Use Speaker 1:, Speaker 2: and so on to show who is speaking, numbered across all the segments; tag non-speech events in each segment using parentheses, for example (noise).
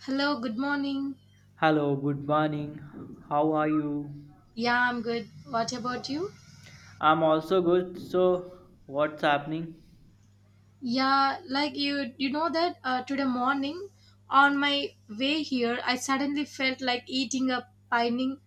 Speaker 1: Hello, good morning.
Speaker 2: Hello, good morning. How are you?
Speaker 1: Yeah, I'm good. What about you?
Speaker 2: I'm also good. So, what's happening?
Speaker 1: Yeah, like you know that today morning on my way here I suddenly felt like eating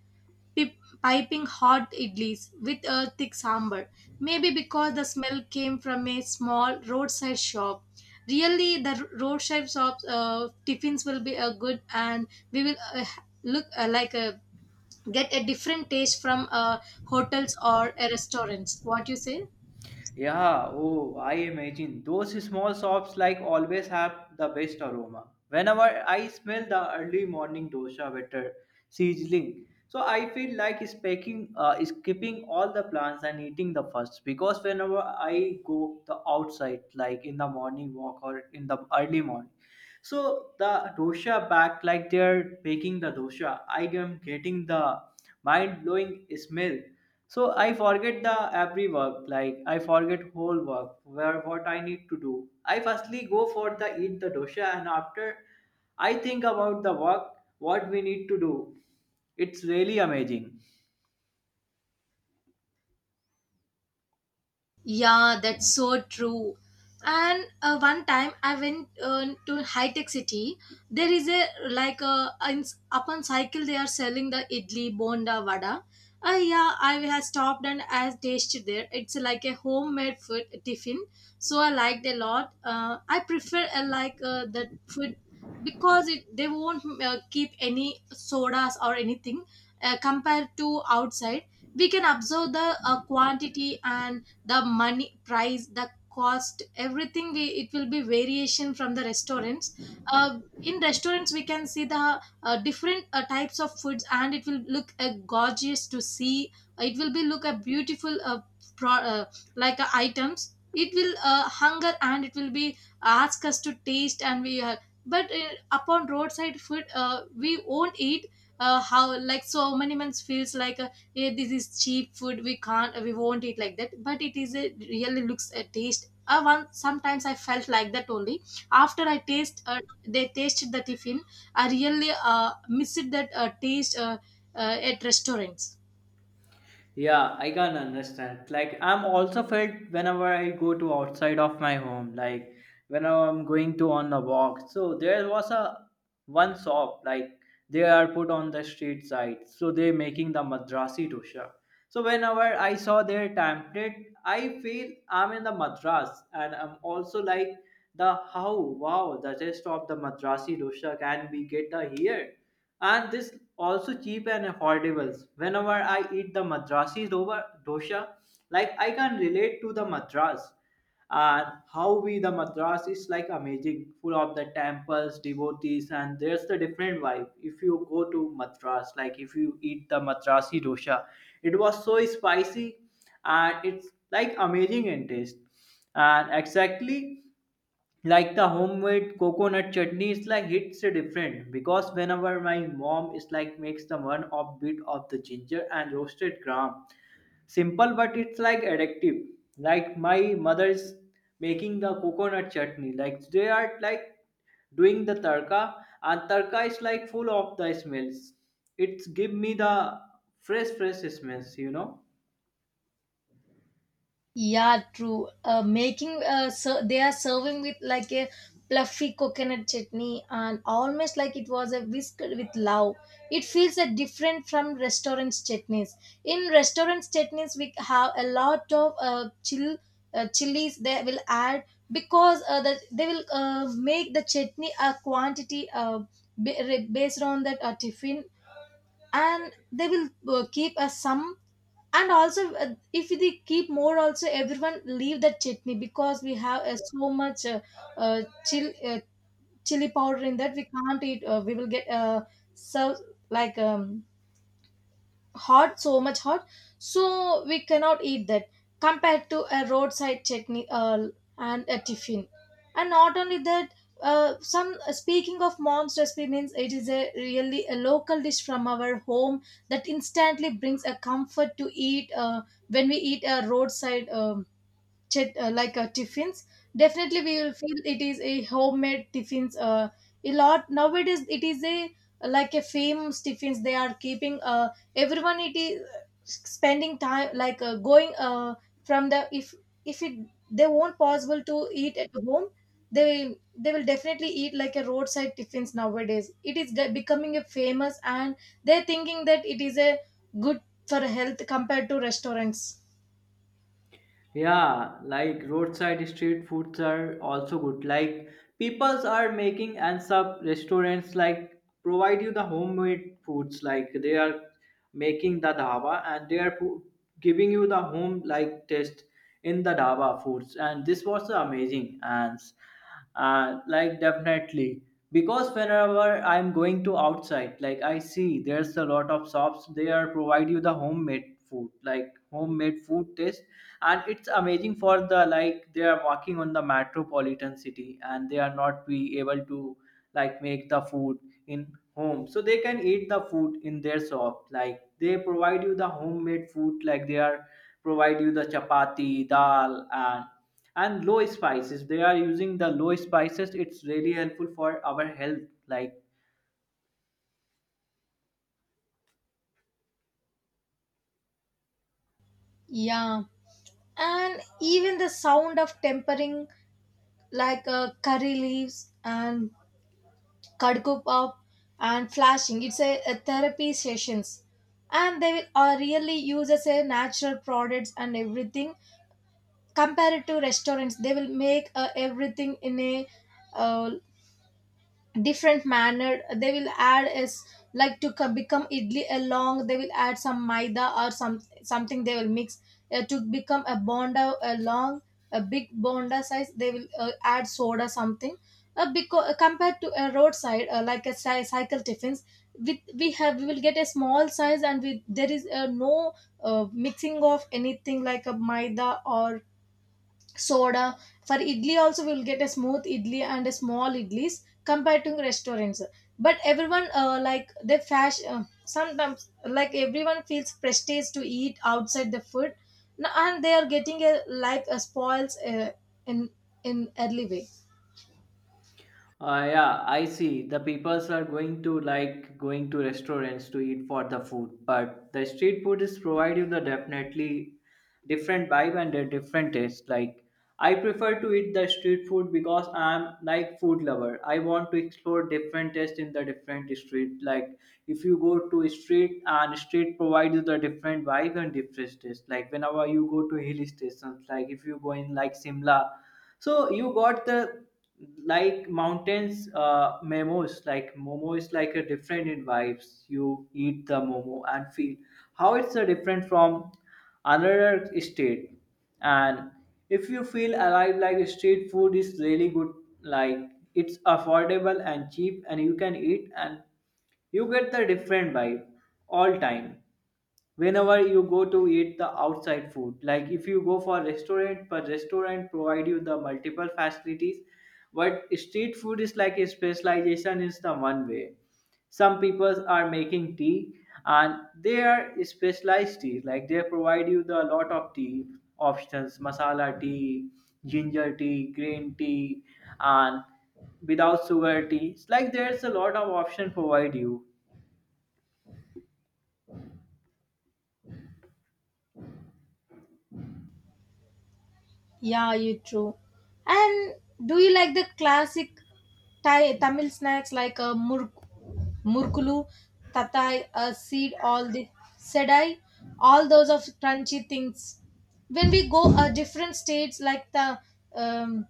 Speaker 1: pip, piping hot idlis with a thick sambar. Maybe because the smell came from a small roadside shop. Really the roadside shops tiffins will be a good and we will look like a get a different taste from hotels or a restaurants what you say.
Speaker 2: Yeah, oh, I imagine those small shops like always have the best aroma. Whenever I smell the early morning dosha butter sizzling, so I feel like speaking, skipping all the plans and eating the first, because whenever I go the outside, like in the morning walk or in the early morning. So the dosha back like they're making the dosha. I am getting the mind blowing smell. So I forget the every work, like I forget whole work where what I need to do. I firstly go for the eat the dosha, and after I think about the work what we need to do. It's really amazing.
Speaker 1: Yeah, that's so true. And one time I went to high tech city. There is a like a in, upon cycle they are selling the idli, bonda, vada. Yeah, I have stopped and I have tasted there. It's like a homemade food tiffin, so I liked a lot. I prefer that food because it, they won't keep any sodas or anything compared to outside. We can observe the quantity and the money price the cost everything we, it will be variation from the restaurants in restaurants we can see the different types of foods and it will look gorgeous to see, it will be look a beautiful pro, like items it will hunger and it will be ask us to taste and we but upon roadside food we won't eat how like so many months feels like "Eh, this is cheap food we won't eat like that, but it is a really looks a taste one sometimes I felt like that only after I taste they tasted the tiffin, I really missed that taste at restaurants.
Speaker 2: Yeah, I can understand. Like I'm also felt whenever I go to outside of my home, like whenever I'm going to on a walk. So there was a one shop like they are put on the street side. So they're making the Madrasi dosha. So whenever I saw their template, I feel I'm in the Madras, and I'm also like the how wow the taste of the Madrasi dosha can be get the here, and this also cheap and affordable whenever I eat the dosha, like I can relate to the Madras. And how we the Madras is like amazing, full of the temples, devotees, and there's the different vibe. If you go to Madras, like if you eat the Madrasi dosha, it was so spicy, and it's like amazing in taste. And exactly like the homemade coconut chutney is like hits different, because whenever my mom is like makes the one of bit of the ginger and roasted gram, simple but it's like addictive. Like my mother is making the coconut chutney, like they are like doing the tarka, and tarka is like full of the smells. It's give me the fresh smells, you know.
Speaker 1: Yeah, true. They are serving with like a fluffy coconut chutney and almost like it was a whisk with love. It feels a different from restaurants chutneys. In restaurants chutneys, we have a lot of chill chilies they will add because that they will make the chutney a quantity based on that tiffin, and they will keep some, and also if they keep more also everyone leave that chutney because we have so much uh, chili, chili powder in that we can't eat we will get so like hot so much hot, so we cannot eat that compared to a roadside chutney and a tiffin. And not only that, some speaking of mom's recipe means it is a really a local dish from our home that instantly brings a comfort to eat when we eat a roadside chit, like tiffins, definitely we will feel it is a homemade tiffins a lot. Nowadays it is a like a famous tiffins they are keeping everyone, it is spending time like going from the if it they won't possible to eat at home, they will definitely eat like a roadside tiffins. Nowadays it is becoming a famous, and they're thinking that it is a good for health compared to restaurants.
Speaker 2: Yeah, like roadside street foods are also good. Like peoples are making, and some restaurants like provide you the homemade foods. Like they are making the dhaba, and they are giving you the home like taste in the dhaba foods. And this was amazing. And like definitely, because whenever I'm going to outside, like I see there's a lot of shops, they are provide you the homemade food, like homemade food taste. And it's amazing for the like they are walking on the metropolitan city and they are not be able to like make the food in home, so they can eat the food in their shop. Like they provide you the homemade food, like they are provide you the chapati, dal, and low spices. They are using the low spices, it's really helpful for our health. like
Speaker 1: Yeah, and even the sound of tempering like curry leaves and kadukup up and flashing, it's a therapy sessions, and they will really use as a natural products and everything. Compared to restaurants, they will make everything in a uh, different manner. They will add is like to become idli a long, they will add some maida or some something they will mix to become a bonda a long, a big bonda size they will add soda something, because compared to a roadside like a cycle tiffins with we have we will get a small size, and with there is no mixing of anything like a maida or soda. For idli also we will get a smooth idli and a small idlis compared to restaurants. But everyone like they fashion sometimes, like everyone feels prestige to eat outside the food. And they are getting a like a spoils in in early way.
Speaker 2: uh, yeah I see the peoples are going to like going to restaurants to eat for the food, but the street food is provide you the definitely different vibe and a different taste. Like I prefer to eat the street food because I'm like food lover. I want to explore different taste in the different street. Like if you go to street, and street provides you the different vibe and different taste. Like whenever you go to hill stations, like if you go in like Simla, so you got the like mountains, uh, memos, like momo is like a different in vibes. You eat the momo and feel how it's a different from another state. And if you feel alive, like street food is really good. Like it's affordable and cheap, and you can eat and you get the different vibe all time whenever you go to eat the outside food. Like if you go for restaurant, but restaurant provide you the multiple facilities. But street food is like a specialization is the one way. Some people are making tea, and they are specialized tea. Like they provide you the lot of tea options, masala tea, ginger tea, green tea, and without sugar tea. It's like there's a lot of option provide you.
Speaker 1: Yeah, you true. And do you like the classic Thai, Tamil snacks like a mur murkulu, tatai, a seed, all the sedai, all those of crunchy things? When we go different states like the um,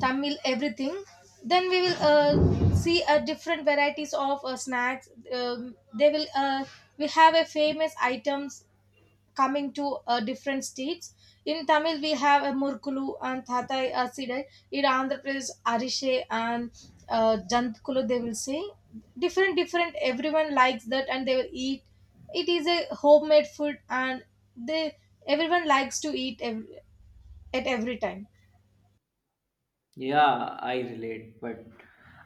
Speaker 1: Tamil everything, then we will see a different varieties of snacks. They will we have a famous items coming to different states. In Tamil, we have a Murkulu and Thatai Asidai. In Andhra Pradesh, Arishe and Jantkulu, they will say. Different, different, everyone likes that and they will eat. It is a homemade food, and they everyone likes to eat at every time.
Speaker 2: Yeah, I relate, but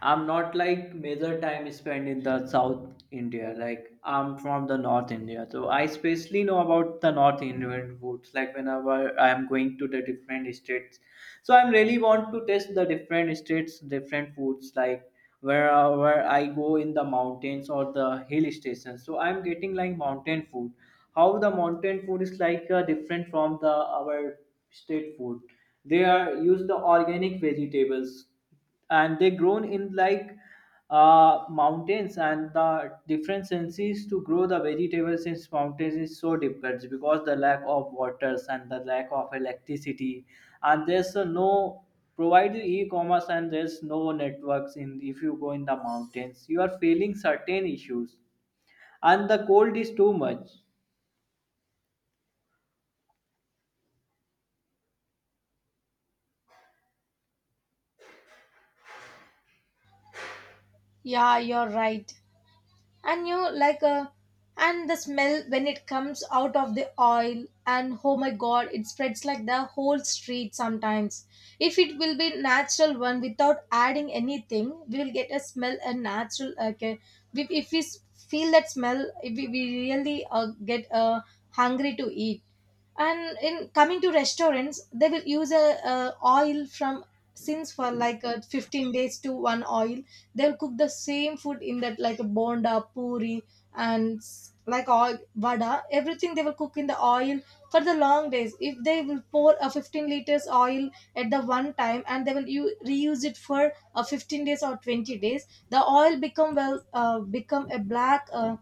Speaker 2: I'm not like major time spent in the South India. Like I'm from the North India, so I especially know about the North Indian foods. Like whenever I am going to the different states, so I'm really want to test the different states different foods. Like wherever I go in the mountains or the hill stations, so I'm getting like mountain food, how the mountain food is like different from the our state food. They are use the organic vegetables, and they grown in like mountains, and the different senses to grow the vegetables in mountains is so difficult because the lack of waters and the lack of electricity. And there's no provide the e-commerce, and there's no networks in if you go in the mountains you are feeling certain issues, and the cold is too much.
Speaker 1: Yeah, you're right. And you like and the smell when it comes out of the oil, and oh my god, it spreads like the whole street sometimes. If it will be natural one without adding anything, we will get a smell a natural. Okay, if we feel that smell, if we, we really get hungry to eat. And in coming to restaurants, they will use a oil from since for like 15 days to one oil. They'll cook the same food in that, like a bonda puri and like all vada, everything they will cook in the oil for the long days. If they will pour a 15 liters oil at the one time and they will reuse it for 15 days or 20 days, the oil become well become a black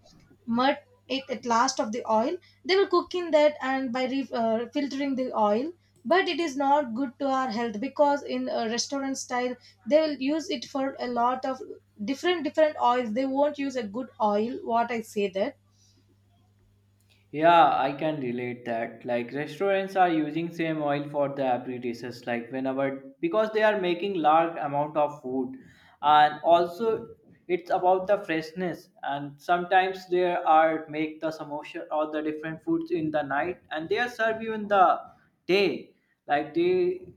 Speaker 1: mud, it at last of the oil they will cook in that, and by filtering the oil. But it is not good to our health because in a restaurant style they'll use it for a lot of different different oils. They won't use a good oil what I say that.
Speaker 2: Yeah, I can relate that. Like restaurants are using same oil for the every dishes, like whenever, because they are making large amount of food. And also it's about the freshness. And sometimes there are make the samosa or the different foods in the night, and they are serve you in the day. Like they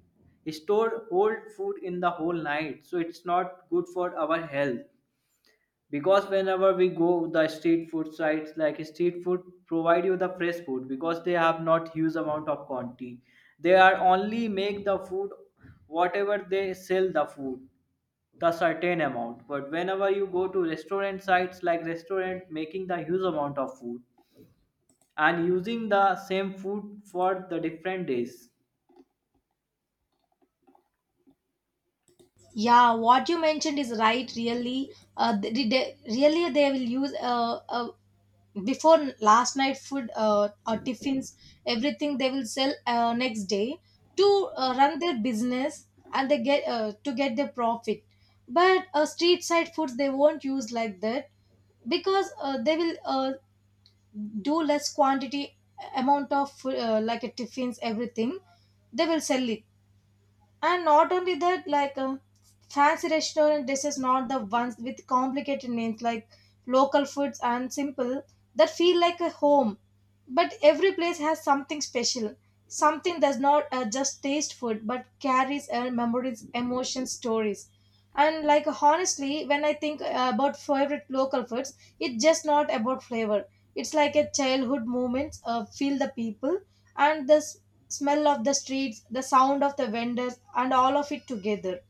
Speaker 2: store old food in the whole night, so it's not good for our health. Because whenever we go the street food sites, like street food provide you the fresh food, because they have not huge amount of quantity. They are only make the food whatever they sell the food, the certain amount. But whenever you go to restaurant sites, like restaurant making the huge amount of food and using the same food for the different days.
Speaker 1: Yeah, what you mentioned is right, really. Really they will use before last night food or tiffins, everything they will sell next day to run their business and they get to get their profit. But street side foods they won't use like that, because they will do less quantity amount of like a tiffins, everything they will sell it. And not only that, like fancy restaurant dishes, not the ones with complicated names, like local foods and simple that feel like a home. But every place has something special, something does not just taste food, but carries memories, emotions, stories. And like honestly, when I think about favorite local foods, it's just not about flavor. It's like a childhood moments, feel the people and the smell of the streets, the sound of the vendors, and all of it together.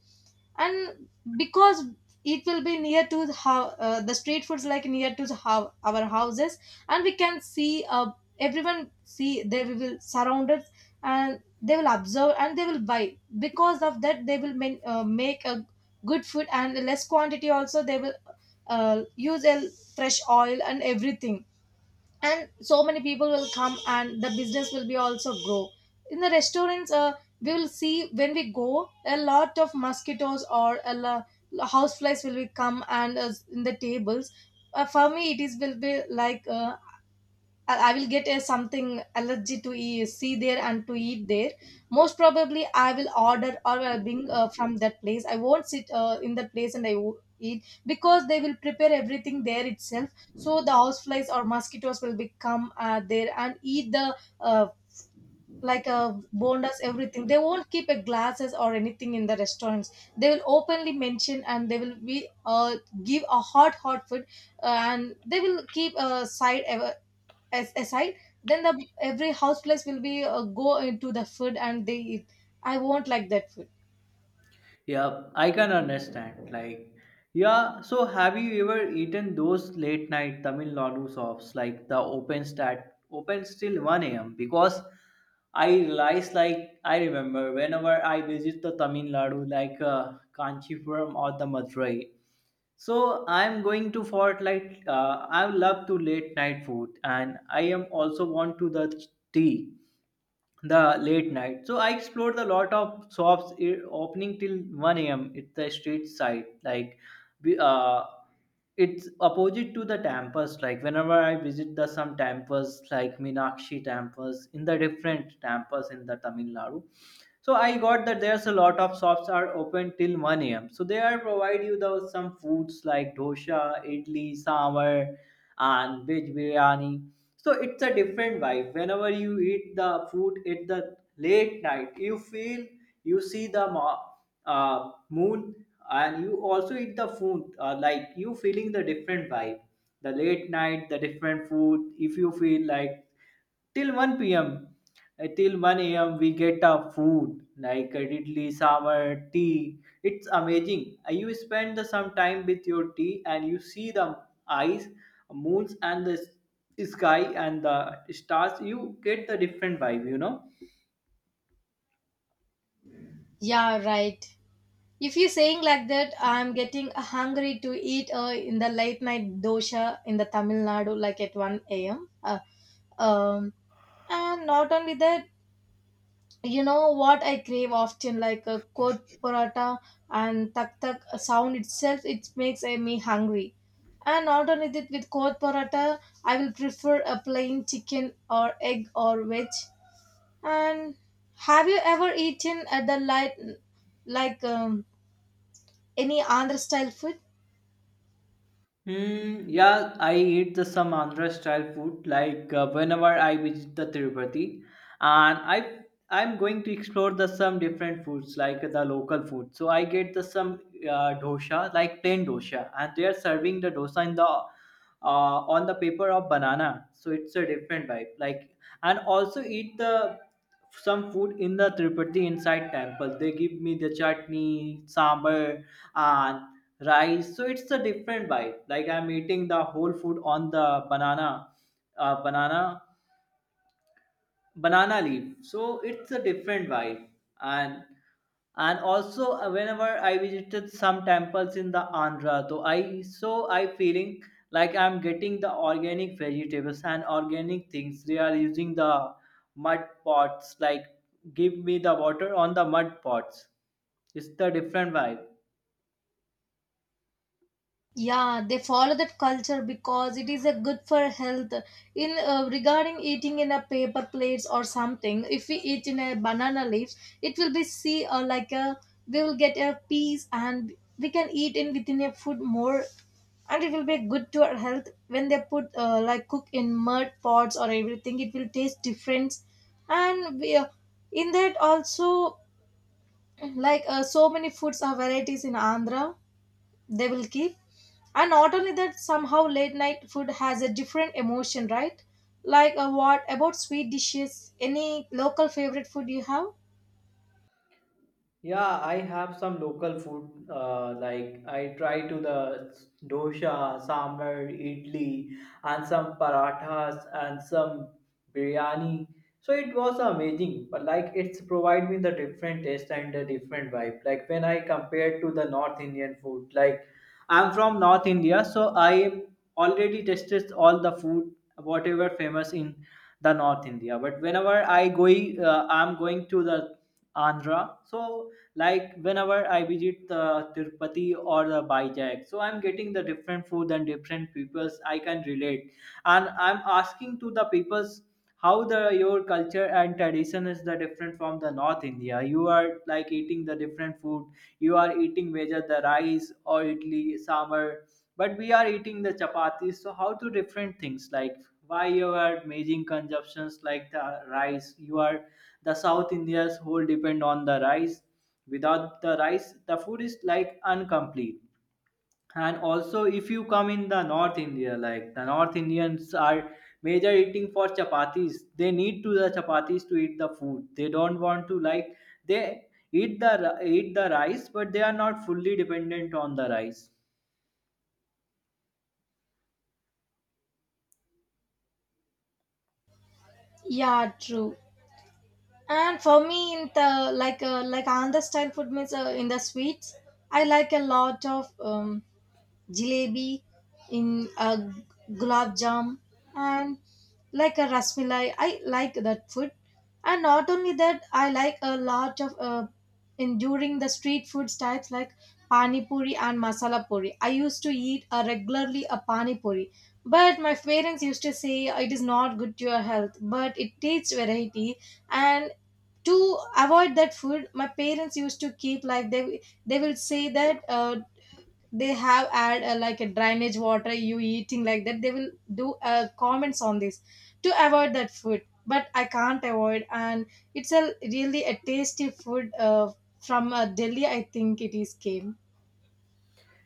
Speaker 1: And because it will be near to the street foods, like near to our houses, and we can see everyone see they will surround us and they will observe and they will buy. Because of that, they will make a good food and less quantity. Also, they will use a fresh oil and everything, and so many people will come and the business will be also grow. In the restaurants we will see when we go a lot of mosquitoes or houseflies will be come and in the tables. For me it is will be like I will get a something allergy to see there and to eat there. Most probably, I will order or I'll bring from that place. I won't sit in that place and I won't eat, because they will prepare everything there itself. So the houseflies or mosquitoes will become there and eat the uh, bondas. Everything they won't keep a glasses or anything in the restaurants. They will openly mention and they will be give a hot hot food, and they will keep a side ever as aside, then the every house place will be go into the food and they eat. I won't like that food.
Speaker 2: Yeah, I can understand. Like, yeah, so have you ever eaten those late night Tamil Nadu shops, like the open stat open till 1 a.m.? Because I realize, like I remember whenever I visit the Tamil Nadu, like Kanchipuram or the Madurai. So I'm going to for like I love to late night food, and I am also want to the tea the late night. So I explored a lot of shops eh, opening till 1 a.m. It's the street side, like we- uh, it's opposite to the temples. Like whenever I visit the some temples, like Minakshi temples, in the different temples in the Tamil Nadu. So I got that there's a lot of shops are open till 1 a.m. So they are provide you those some foods like dosha, idli, sambar, and veg biryani. So it's a different vibe. Whenever you eat the food at the late night, you feel you see the moon, and you also eat the food, like you feeling the different vibe the late night, the different food. If you feel like till 1 p.m. Till 1 a.m. we get a food like idli, sambar, tea. It's amazing. You spend the some time with your tea, and you see the eyes, moons and the sky and the stars. You get the different vibe, you know.
Speaker 1: Yeah, right. If you're saying like that, I'm getting hungry to eat in the late night dosha in the Tamil Nadu, like at 1 a.m. Um, and not only that, you know what I crave often, like a kot paratha, and tak tak sound itself, it makes me hungry. And not only that, with kot paratha, I will prefer a plain chicken or egg or veg. And have you ever eaten at the light, like any Andhra style food?
Speaker 2: Hmm, yeah, I eat the some Andhra style food like whenever I visit the Tirupati, and I'm going to explore the some different foods like the local food. So I get the some dosha, like plain dosa, and they are serving the dosa in the on the paper of banana. So it's a different vibe. Like and also eat the some food in the Tirupati inside temple. They give me the chutney, sambar, and rice. So it's a different bite, like I'm eating the whole food on the banana, uh, banana banana leaf. So it's a different vibe. and and also, whenever I visited some temples in the Andhra, so I feeling like I'm getting the organic vegetables and organic things. They are using the mud pots, like give me the water on the mud pots. It's the different vibe.
Speaker 1: Yeah, they follow that culture because it is a good for health. In Regarding eating in a paper plates or something, if we eat in a banana leaves, it will be see like a we will get a piece and we can eat in within a food more, and it will be good to our health. When they put like cook in mud pots or everything, it will taste different. And we, in that also so many foods are varieties in Andhra, they will keep. And not only that, somehow late night food has a different emotion, right? What about sweet dishes? Any local favorite food you have?
Speaker 2: Yeah, I have some local food. Like I try to the dosa, sambar, idli, and some parathas and some biryani. So it was amazing. But like it's provide me the different taste and the different vibe. Like when I compare to the North Indian food, like I'm from North India, so I already tasted all the food whatever famous in the north india. But whenever I go, I'm going to the andhra, so like whenever I visit the tirupati or the Vijay, so I'm getting the different food and different peoples I can relate, and I'm asking to the peoples how the your culture and tradition is the different from the north india. You are like eating the different food, you are eating whether the rice or idli sambar, but we are eating the chapatis. So how to different things, like why you are making consumptions like the rice. You are the south india's whole depend on the rice. Without the rice the food is like incomplete. And also if you come in the north india, like the north indians are major eating for chapatis, they need to the chapatis to eat the food. They don't want to like they eat the rice, but they are not fully dependent on the rice.
Speaker 1: Yeah, true. And for me, in the like Andhra style food means, in the sweets, I like a lot of jalebi, in a g- gulab jam, and like a rasmalai. I like that food, and not only that, I like a lot of enduring the street food types like pani puri and masala puri. I used to eat regularly a pani puri, but my parents used to say it is not good to your health. But it tastes variety, and to avoid that food, my parents used to keep, like, they will say that. They have add like a drainage water you eating, like that they will do comments on this to avoid that food, but I can't avoid. And it's a really a tasty food, from Delhi, I think it is came.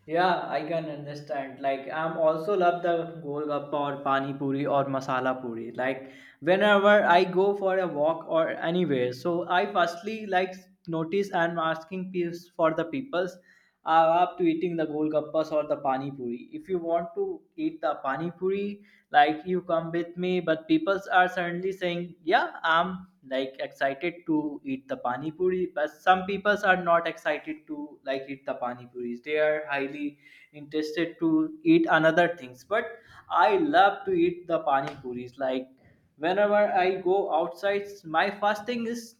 Speaker 2: Yeah, I can understand. Like, I'm also love the golgappa or pani puri or masala puri. Like, whenever I go for a walk or anywhere, so I firstly like notice and asking peers for the peoples are up to eating the golgappas or the pani puri. If you want to eat the pani puri, like you come with me. But peoples are suddenly saying, "Yeah, I'm like excited to eat the pani puri," but some people are not excited to like eat the pani puris. They are highly interested to eat another things. But I love to eat the pani puris. Like whenever I go outside, my first thing is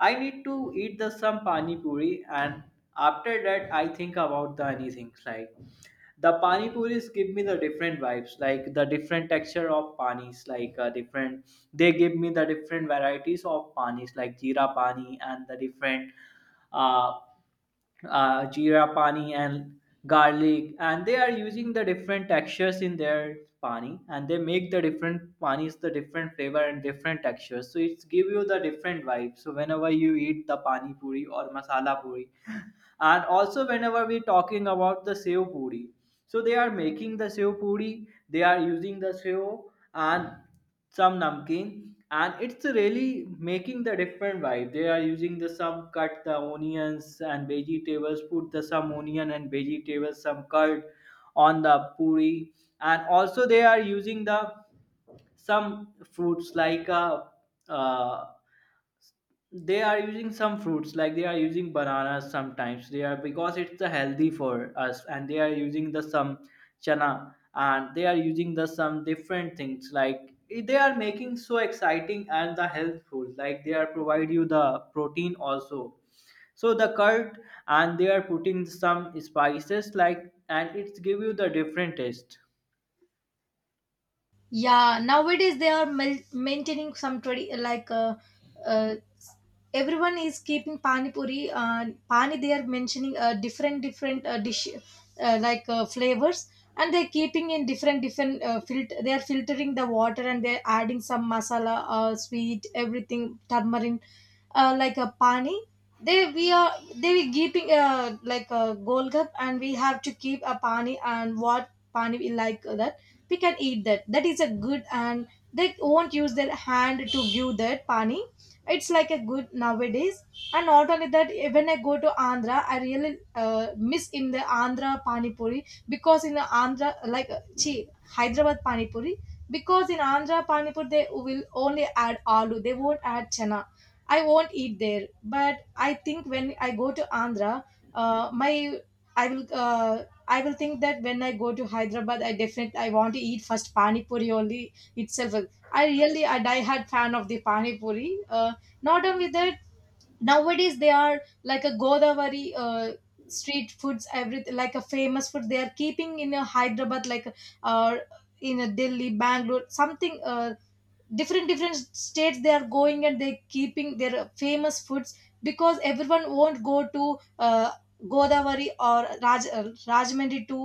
Speaker 2: I need to eat the some pani puri, and after that I think about the anything, like the pani puris give me the different vibes, like the different texture of panis, like different, they give me the different varieties of panis like jeera pani and the different uh, jeera pani and garlic, and they are using the different textures in their pani, and they make the different panis, the different flavor and different textures. So it's give you the different vibe. So whenever you eat the pani puri or masala puri (laughs) and also whenever we talking about the sev puri, so they are making the sev puri, they are using the sev and some namkeen, and it's really making the different vibe. They are using the some cut the onions and vegetables, put the some onion and vegetables, some curd on the puri. And also they are using the some fruits like a uh, they are using some fruits, like they are using bananas sometimes, they are, because it's the healthy for us. And they are using the some chana, and they are using the some different things, like they are making so exciting and the healthful, like they are provide you the protein also, so the curd. And they are putting some spices like, and it's give you the different taste.
Speaker 1: Yeah, nowadays they are maintaining some uh, everyone is keeping pani puri, pani, they are mentioning different different dish, flavors. And they're keeping in different different filter, they are filtering the water and they're adding some masala, sweet, everything, turmeric, like a pani. They we are they were keeping like a gold cup, and we have to keep a pani, and what pani we like, that we can eat that, that is a good. And they won't use their hand to give that pani. It's like a good nowadays. And not only that, when I go to Andhra, I really miss in the Andhra pani puri, because in the Andhra, like chi Hyderabad pani puri. Because in Andhra pani puri, they will only add aloo, they won't add chana. I won't eat there. But I think when I go to Andhra, my I will I will think that when I go to Hyderabad, I definitely I want to eat first pani puri only itself. I really a diehard fan of the pani puri. Not only that, nowadays they are like a Godavari street foods, everything like a famous food, they are keeping in a Hyderabad, like, uh, in a Delhi, Bangalore, something, different different states, they are going and they keeping their famous foods. Because everyone won't go to Godavari or Rajmandri to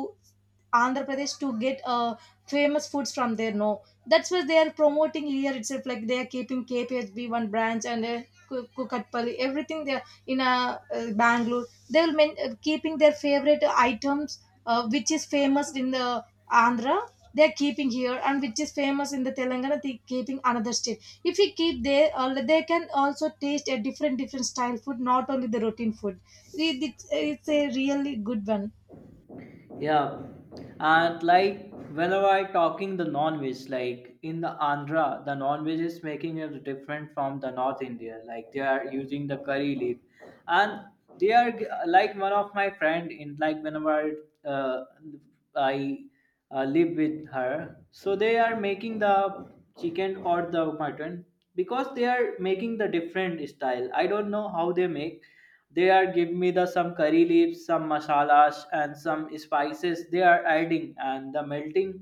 Speaker 1: Andhra Pradesh to get famous foods from there. No, that's why they are promoting here itself. Like they are keeping KPHB one branch and Kukatpally, everything there in Bangalore. They will keeping their favorite items, which is famous in the Andhra. They are keeping here, and which is famous in the Telangana, they keeping another state. If we keep there, they can also taste a different different style food, not only the routine food. It's a really good one.
Speaker 2: Yeah, and like whenever I talking the non-veg, like in the Andhra, the non-veg is making it different from the North India. Like they are using the curry leaf, and they are like one of my friend in, like whenever uh, I live with her, so they are making the chicken or the mutton, because they are making the different style, I don't know how they make. They are giving me the some curry leaves, some masalas and some spices they are adding, and the melting.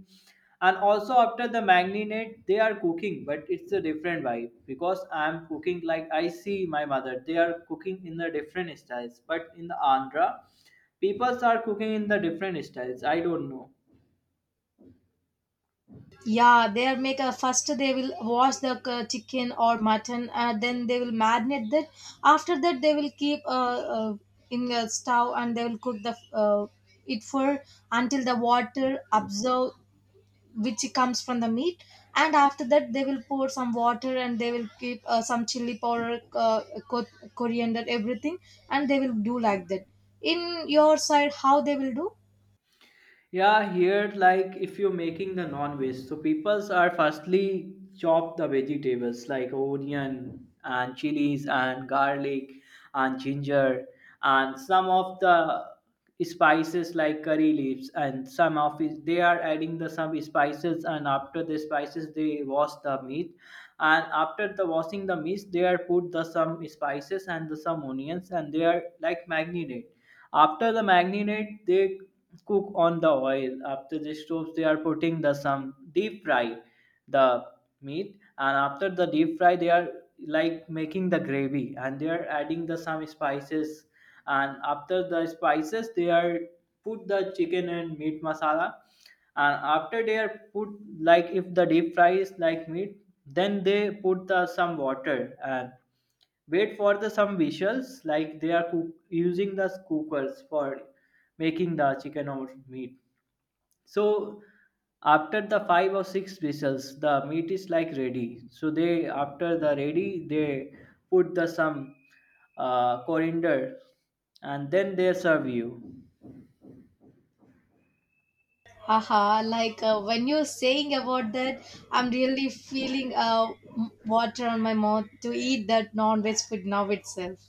Speaker 2: And also after the marinade they are cooking, but it's a different vibe, because I'm cooking, like I see my mother, they are cooking in the different styles, but in the andhra people are cooking in the different styles, I don't know.
Speaker 1: Yeah, they'll make a first, they will wash the chicken or mutton, then they will marinate that. After that, they will keep in a stove and they will cook the it for until the water absorb which comes from the meat. And after that, they will pour some water and they will keep some chili powder, co- coriander, everything, and they will do like that. In your side, how they will do?
Speaker 2: Yeah, here like if you're making the non-veg, so peoples are firstly chop the vegetables like onion and chilies and garlic and ginger and some of the spices like curry leaves and some of it. They are adding the some spices, and after the spices they wash the meat. And after the washing the meat they are put the some spices and the some onions, and they are like marinate. After the marinade, they cook on the oil. After the stoves, they are putting the some deep fry the meat, and after the deep fry, they are like making the gravy, and they are adding the some spices, and after the spices, they are put the chicken and meat masala, and after they are put, like if the deep fry is like meat, then they put the some water and wait for the some visuals. Like they are cook, using the cookers for making the chicken or meat. So after the five or six whistles, the meat is like ready. So they, after the ready, they put the some coriander, and then they serve you.
Speaker 1: Haha, when you're saying about that, I'm really feeling, water on my mouth to eat that non veg food now itself.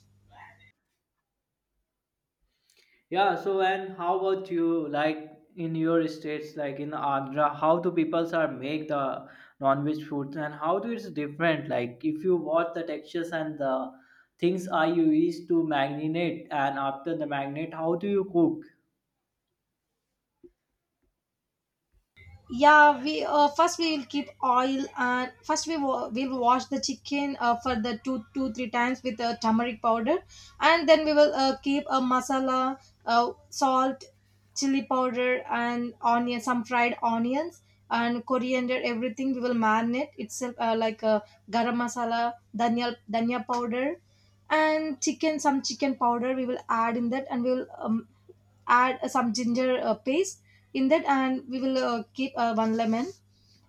Speaker 2: Yeah, so and how about you, like in your states like in Agra, how do peoples are make the non-veg foods and how do it's different? Like if you watch the textures and the things, are you used to marinate, and after the marinate, how do you cook?
Speaker 1: Yeah, we, first we will keep oil, and first we will wash the chicken for the two two three times with turmeric powder. And then we will keep a masala, salt, chili powder and onion, some fried onions and coriander, everything we will marinate itself, like a garam masala, dhania powder, and chicken some chicken powder we will add in that. And we will add some ginger paste in that, and we will keep one lemon,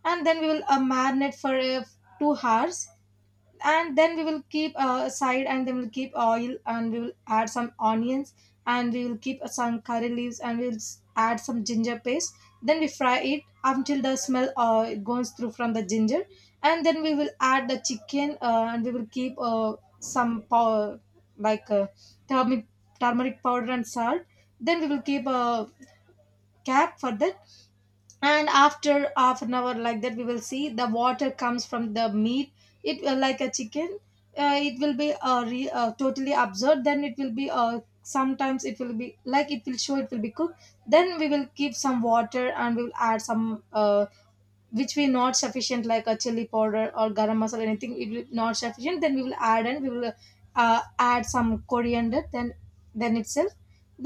Speaker 1: and then we will marinate for 2 hours, and then we will keep aside. And then we'll keep oil and we will add some onions, and we will keep some curry leaves, and we'll add some ginger paste. Then we fry it until the smell goes through from the ginger. And then we will add the chicken, and we will keep some pow- like turmeric, turmeric powder and salt. Then we will keep a cap for that, and after half an hour like that, we will see the water comes from the meat. It will, like, a chicken, it will be totally absorbed. Then it will be, sometimes it will be like it will show, it will be cooked. Then we will give some water and we will add some, which we not sufficient, like a chili powder or garam masala, anything if it not sufficient, then we will add. And we will add some coriander, then itself,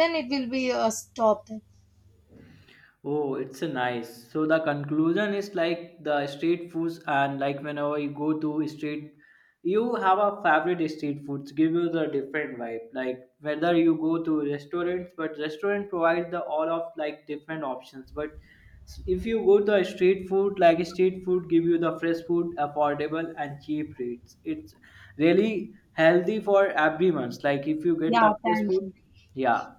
Speaker 1: then it will be stopped.
Speaker 2: Oh, it's a nice. So the conclusion is like the street foods, and like whenever you go to street, you have a favorite street foods give you the different vibe. Like whether you go to restaurants, but restaurant provide the all of like different options. But if you go to a street food, like street food give you the fresh food, affordable and cheap rates. It's really healthy for everyone's. Like if you get
Speaker 1: Yeah,
Speaker 2: the fresh
Speaker 1: thank
Speaker 2: food,
Speaker 1: you.
Speaker 2: yeah.